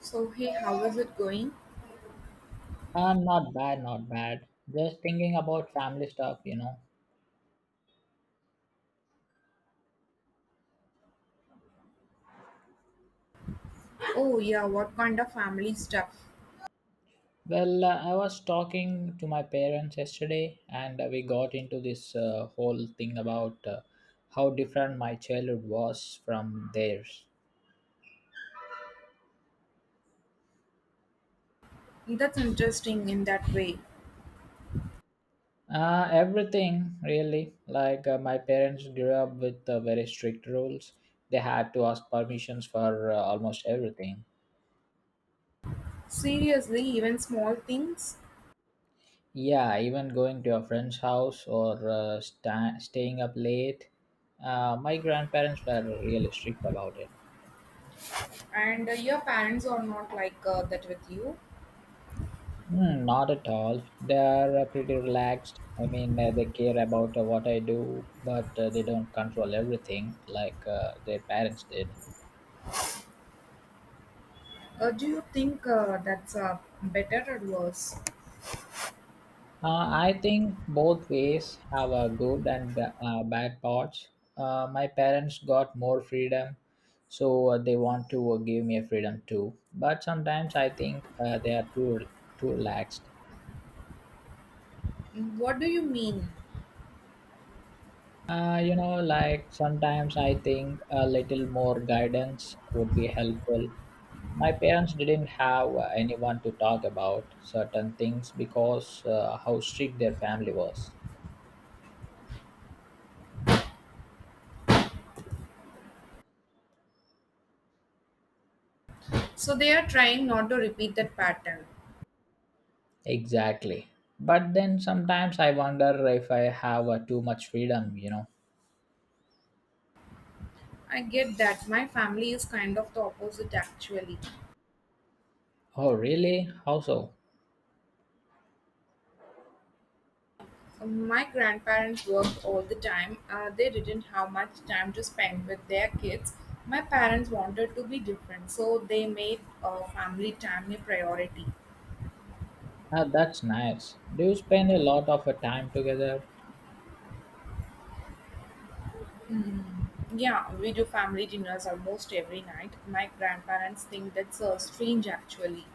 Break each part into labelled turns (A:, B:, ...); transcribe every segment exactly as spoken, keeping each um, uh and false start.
A: So, hey, how is it going?
B: And not bad, not bad. Just thinking about family stuff, you know.
A: Oh, yeah, what kind of family stuff?
B: Well, uh, I was talking to my parents yesterday, and uh, we got into this uh, whole thing about uh, how different my childhood was from theirs.
A: That's interesting in that way.
B: Uh, everything, really. Like, uh, my parents grew up with uh, very strict rules, they had to ask permissions for uh, almost everything.
A: Seriously, even small things?
B: Yeah, even going to your friend's house or uh, sta- staying up late. Uh, my grandparents were really strict about it.
A: And uh, your parents are not like uh, that with you?
B: Mm, not at all. They are uh, pretty relaxed. I mean, uh, they care about uh, what I do, but uh, they don't control everything like uh, their parents did.
A: Uh, do you think uh, that's uh, better or worse?
B: Uh, I think both ways have a good and ba- uh, bad parts. Uh, my parents got more freedom, so uh, they want to uh, give me a freedom too. But sometimes I think uh, they are too too relaxed.
A: Mm, what do you mean?
B: Uh, you know, like sometimes I think a little more guidance would be helpful. My parents didn't have uh, anyone to talk about certain things because uh, how strict their family was.
A: So, they are trying not to repeat that pattern.
B: Exactly. But then sometimes I wonder if I have uh, too much freedom, you know.
A: I get that. My family is kind of the opposite, actually.
B: Oh, really? How so?
A: My grandparents worked all the time. Uh, they didn't have much time to spend with their kids. My parents wanted to be different, so they made uh, family time a priority.
B: Ah, that's nice. Do you spend a lot of uh, time together?
A: Yeah, we do family dinners almost every night. My grandparents think that's uh, strange, actually,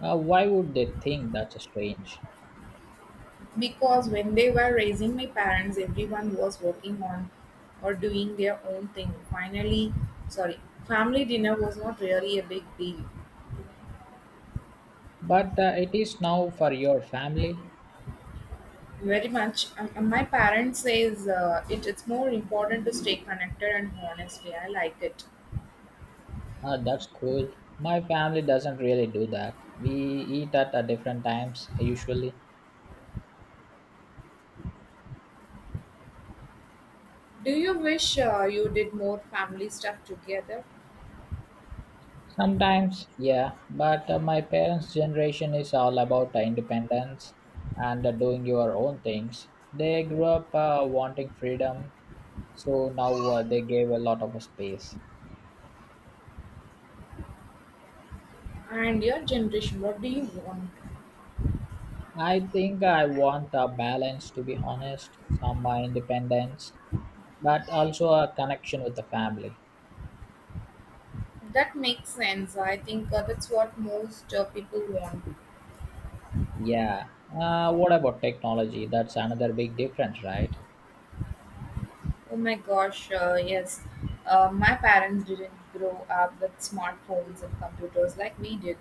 B: Uh, why would they think that's strange?
A: because when they were raising my parents, everyone was working on or doing their own thing. Finally, sorry, family dinner was not really a big deal.
B: But uh, it is now for your family.
A: Very much. Um, um, my parents says uh, it, it's more important to stay connected and honestly. I like it.
B: Ah, that's cool. My family doesn't really do that. We eat at uh, different times usually.
A: Do you wish uh, you did more family stuff together?
B: Sometimes, yeah, but uh, my parents' generation is all about uh, independence and uh, doing your own things. They grew up uh, wanting freedom, so now uh, they gave a lot of space.
A: And your generation, what do you want?
B: I think I want a balance, to be honest, some uh, independence, but also a connection with the family.
A: That makes sense. I think uh, that's what most uh, people want.
B: Yeah. Uh, what about technology? That's another big difference, right?
A: Oh my gosh, uh, yes. Uh, my parents didn't grow up with smartphones and computers like we did.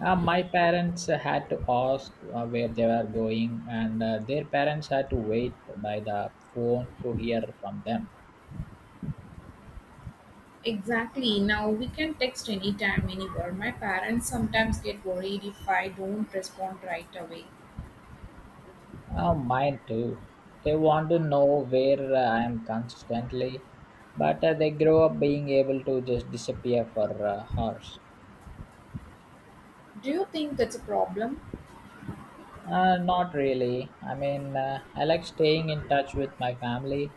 B: Uh, my parents uh, had to ask uh, where they were going, and uh, their parents had to wait by the phone to hear from them.
A: Exactly. Now we can text anytime, anywhere. My parents sometimes get worried if I don't respond right away.
B: Uh, mine too. They want to know where uh, I am consistently, but uh, they grow up being able to just disappear for uh, hours.
A: Do you think that's a problem?
B: Uh, not really. I mean, uh, I like staying in touch with my family,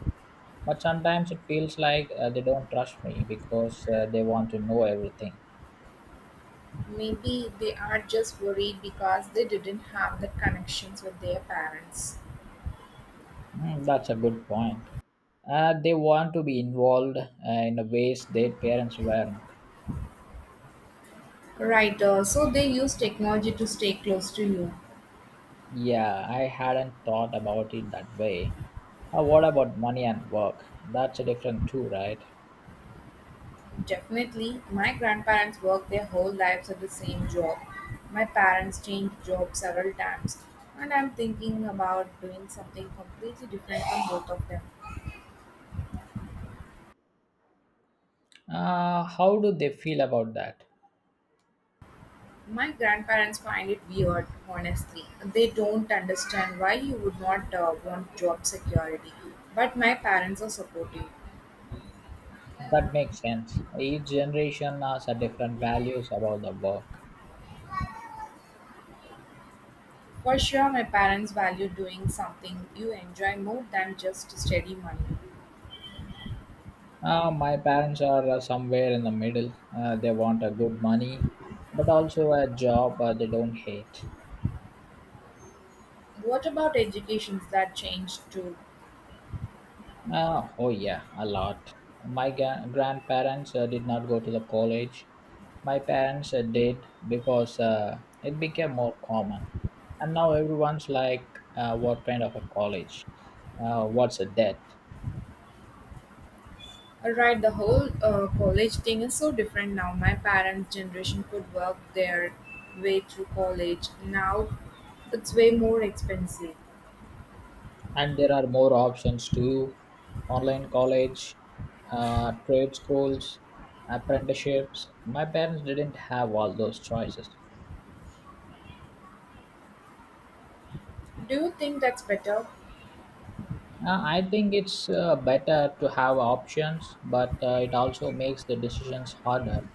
B: but sometimes it feels like uh, they don't trust me because uh, they want to know everything.
A: Maybe they are just worried because they didn't have the connections with their parents.
B: Mm, that's a good point. Uh, they want to be involved uh, in the ways their parents weren't.
A: Right, uh, so they use technology to stay close to you.
B: Yeah, I hadn't thought about it that way. Uh, what about money and work? That's a different too, right?
A: Definitely, my grandparents worked their whole lives at the same job. My parents changed jobs several times, and I'm thinking about doing something completely different from both of them.
B: Uh, how do they feel about that?
A: My grandparents find it weird, honestly. They don't understand why you would not uh, want job security. But my parents are supportive.
B: That makes sense. Each generation has a different values about the work.
A: For sure, my parents value doing something you enjoy more than just steady money.
B: Uh, my parents are uh, somewhere in the middle. Uh, they want a good money, but also a job uh, they don't hate.
A: What about educations that changed too?
B: Uh, oh yeah, a lot. My ga- grandparents uh, did not go to the college. My parents uh, did because uh, it became more common. And now everyone's like, uh, what kind of a college? Uh, what's a debt?
A: Alright, the whole uh, college thing is so different now. My parents' generation could work their way through college. Now it's way more expensive.
B: And there are more options too. Online college, uh, trade schools, apprenticeships. My parents didn't have all those choices.
A: Do you think that's better?
B: Uh, I think it's uh, better to have options, but uh, it also makes the decisions harder.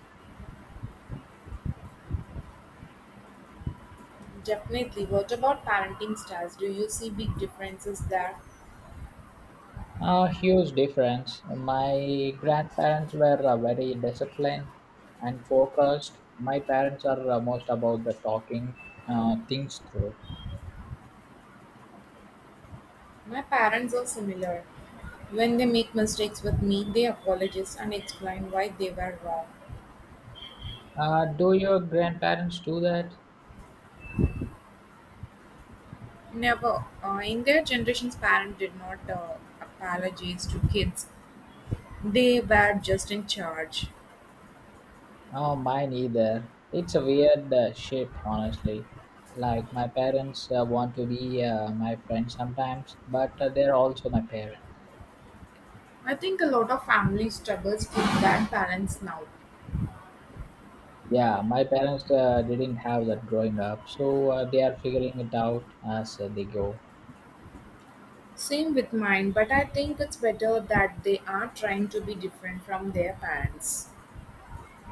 A: Definitely. What about parenting styles? Do you see big differences there?
B: A huge difference. My grandparents were uh, very disciplined and focused. My parents are uh, most about the talking uh, things through.
A: My parents are similar. When they make mistakes with me, they apologize and explain why they were wrong.
B: Uh, do your grandparents do that?
A: Never, uh, in their generation's parents did not uh, apologize to kids. They were just in charge.
B: Oh, mine either. It's a weird uh, shift, honestly. Like my parents uh, want to be uh, my friend sometimes, but uh, they're also my parents.
A: I think a lot of families struggles with that balance now.
B: Yeah, my parents uh, didn't have that growing up, so uh, they are figuring it out as uh, they go.
A: Same with mine, but I think it's better that they are trying to be different from their parents.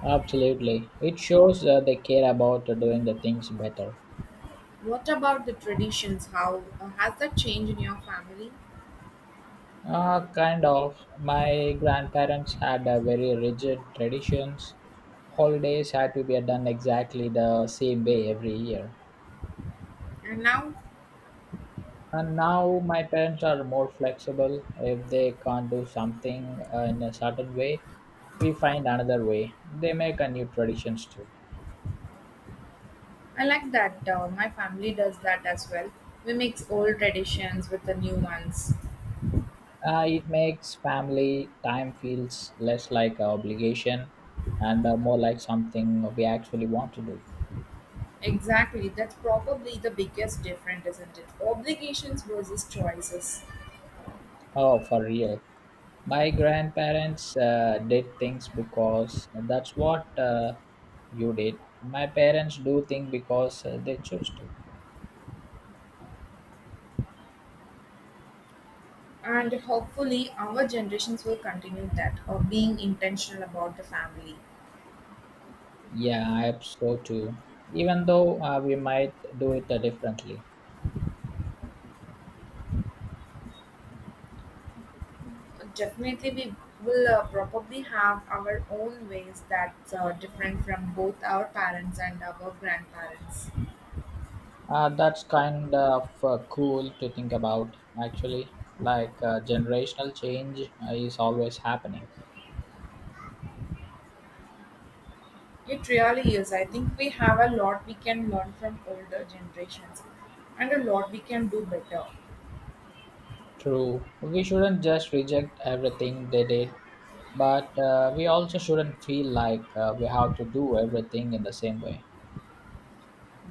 B: Absolutely. It shows uh, they care about uh, doing the things better.
A: What about the traditions? How uh, has that changed in your family?
B: Uh, kind of. My grandparents had uh, very rigid traditions. Holidays had to be done exactly the same way every year.
A: And now
B: And now my parents are more flexible. If they can't do something uh, in a certain way, we find another way. They make a new traditions too.
A: I like that uh, my family does that as well. We mix old traditions with the new ones.
B: Uh, it makes family time feels less like an obligation and uh, more like something we actually want to do.
A: Exactly, that's probably the biggest difference, isn't it? Obligations versus choices.
B: Oh, for real. My grandparents uh, did things because that's what uh, you did. My parents do things because uh, they choose to.
A: And hopefully, our generations will continue that or being intentional about the family.
B: Yeah, I hope so too. Even though uh, we might do it uh, differently.
A: Definitely, we will uh, probably have our own ways that's uh, different from both our parents and our grandparents.
B: Uh, that's kind of uh, cool to think about, actually. Like uh, generational change uh, is always happening.
A: It really is. I think we have a lot we can learn from older generations and a lot we can do better.
B: True. We shouldn't just reject everything they did, but uh, we also shouldn't feel like uh, we have to do everything in the same way.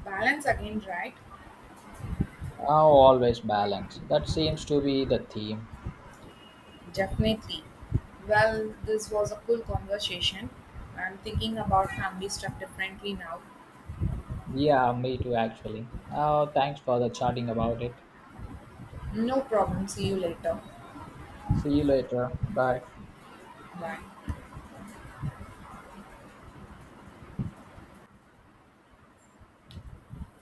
A: Balance again, right?
B: Oh, always balance. That seems to be the theme.
A: Definitely. Well, this was a cool conversation. I'm thinking about family stuff differently now.
B: Yeah, me too, actually. Oh, thanks for the chatting about it.
A: No problem. See you later.
B: See you later. Bye.
A: Bye.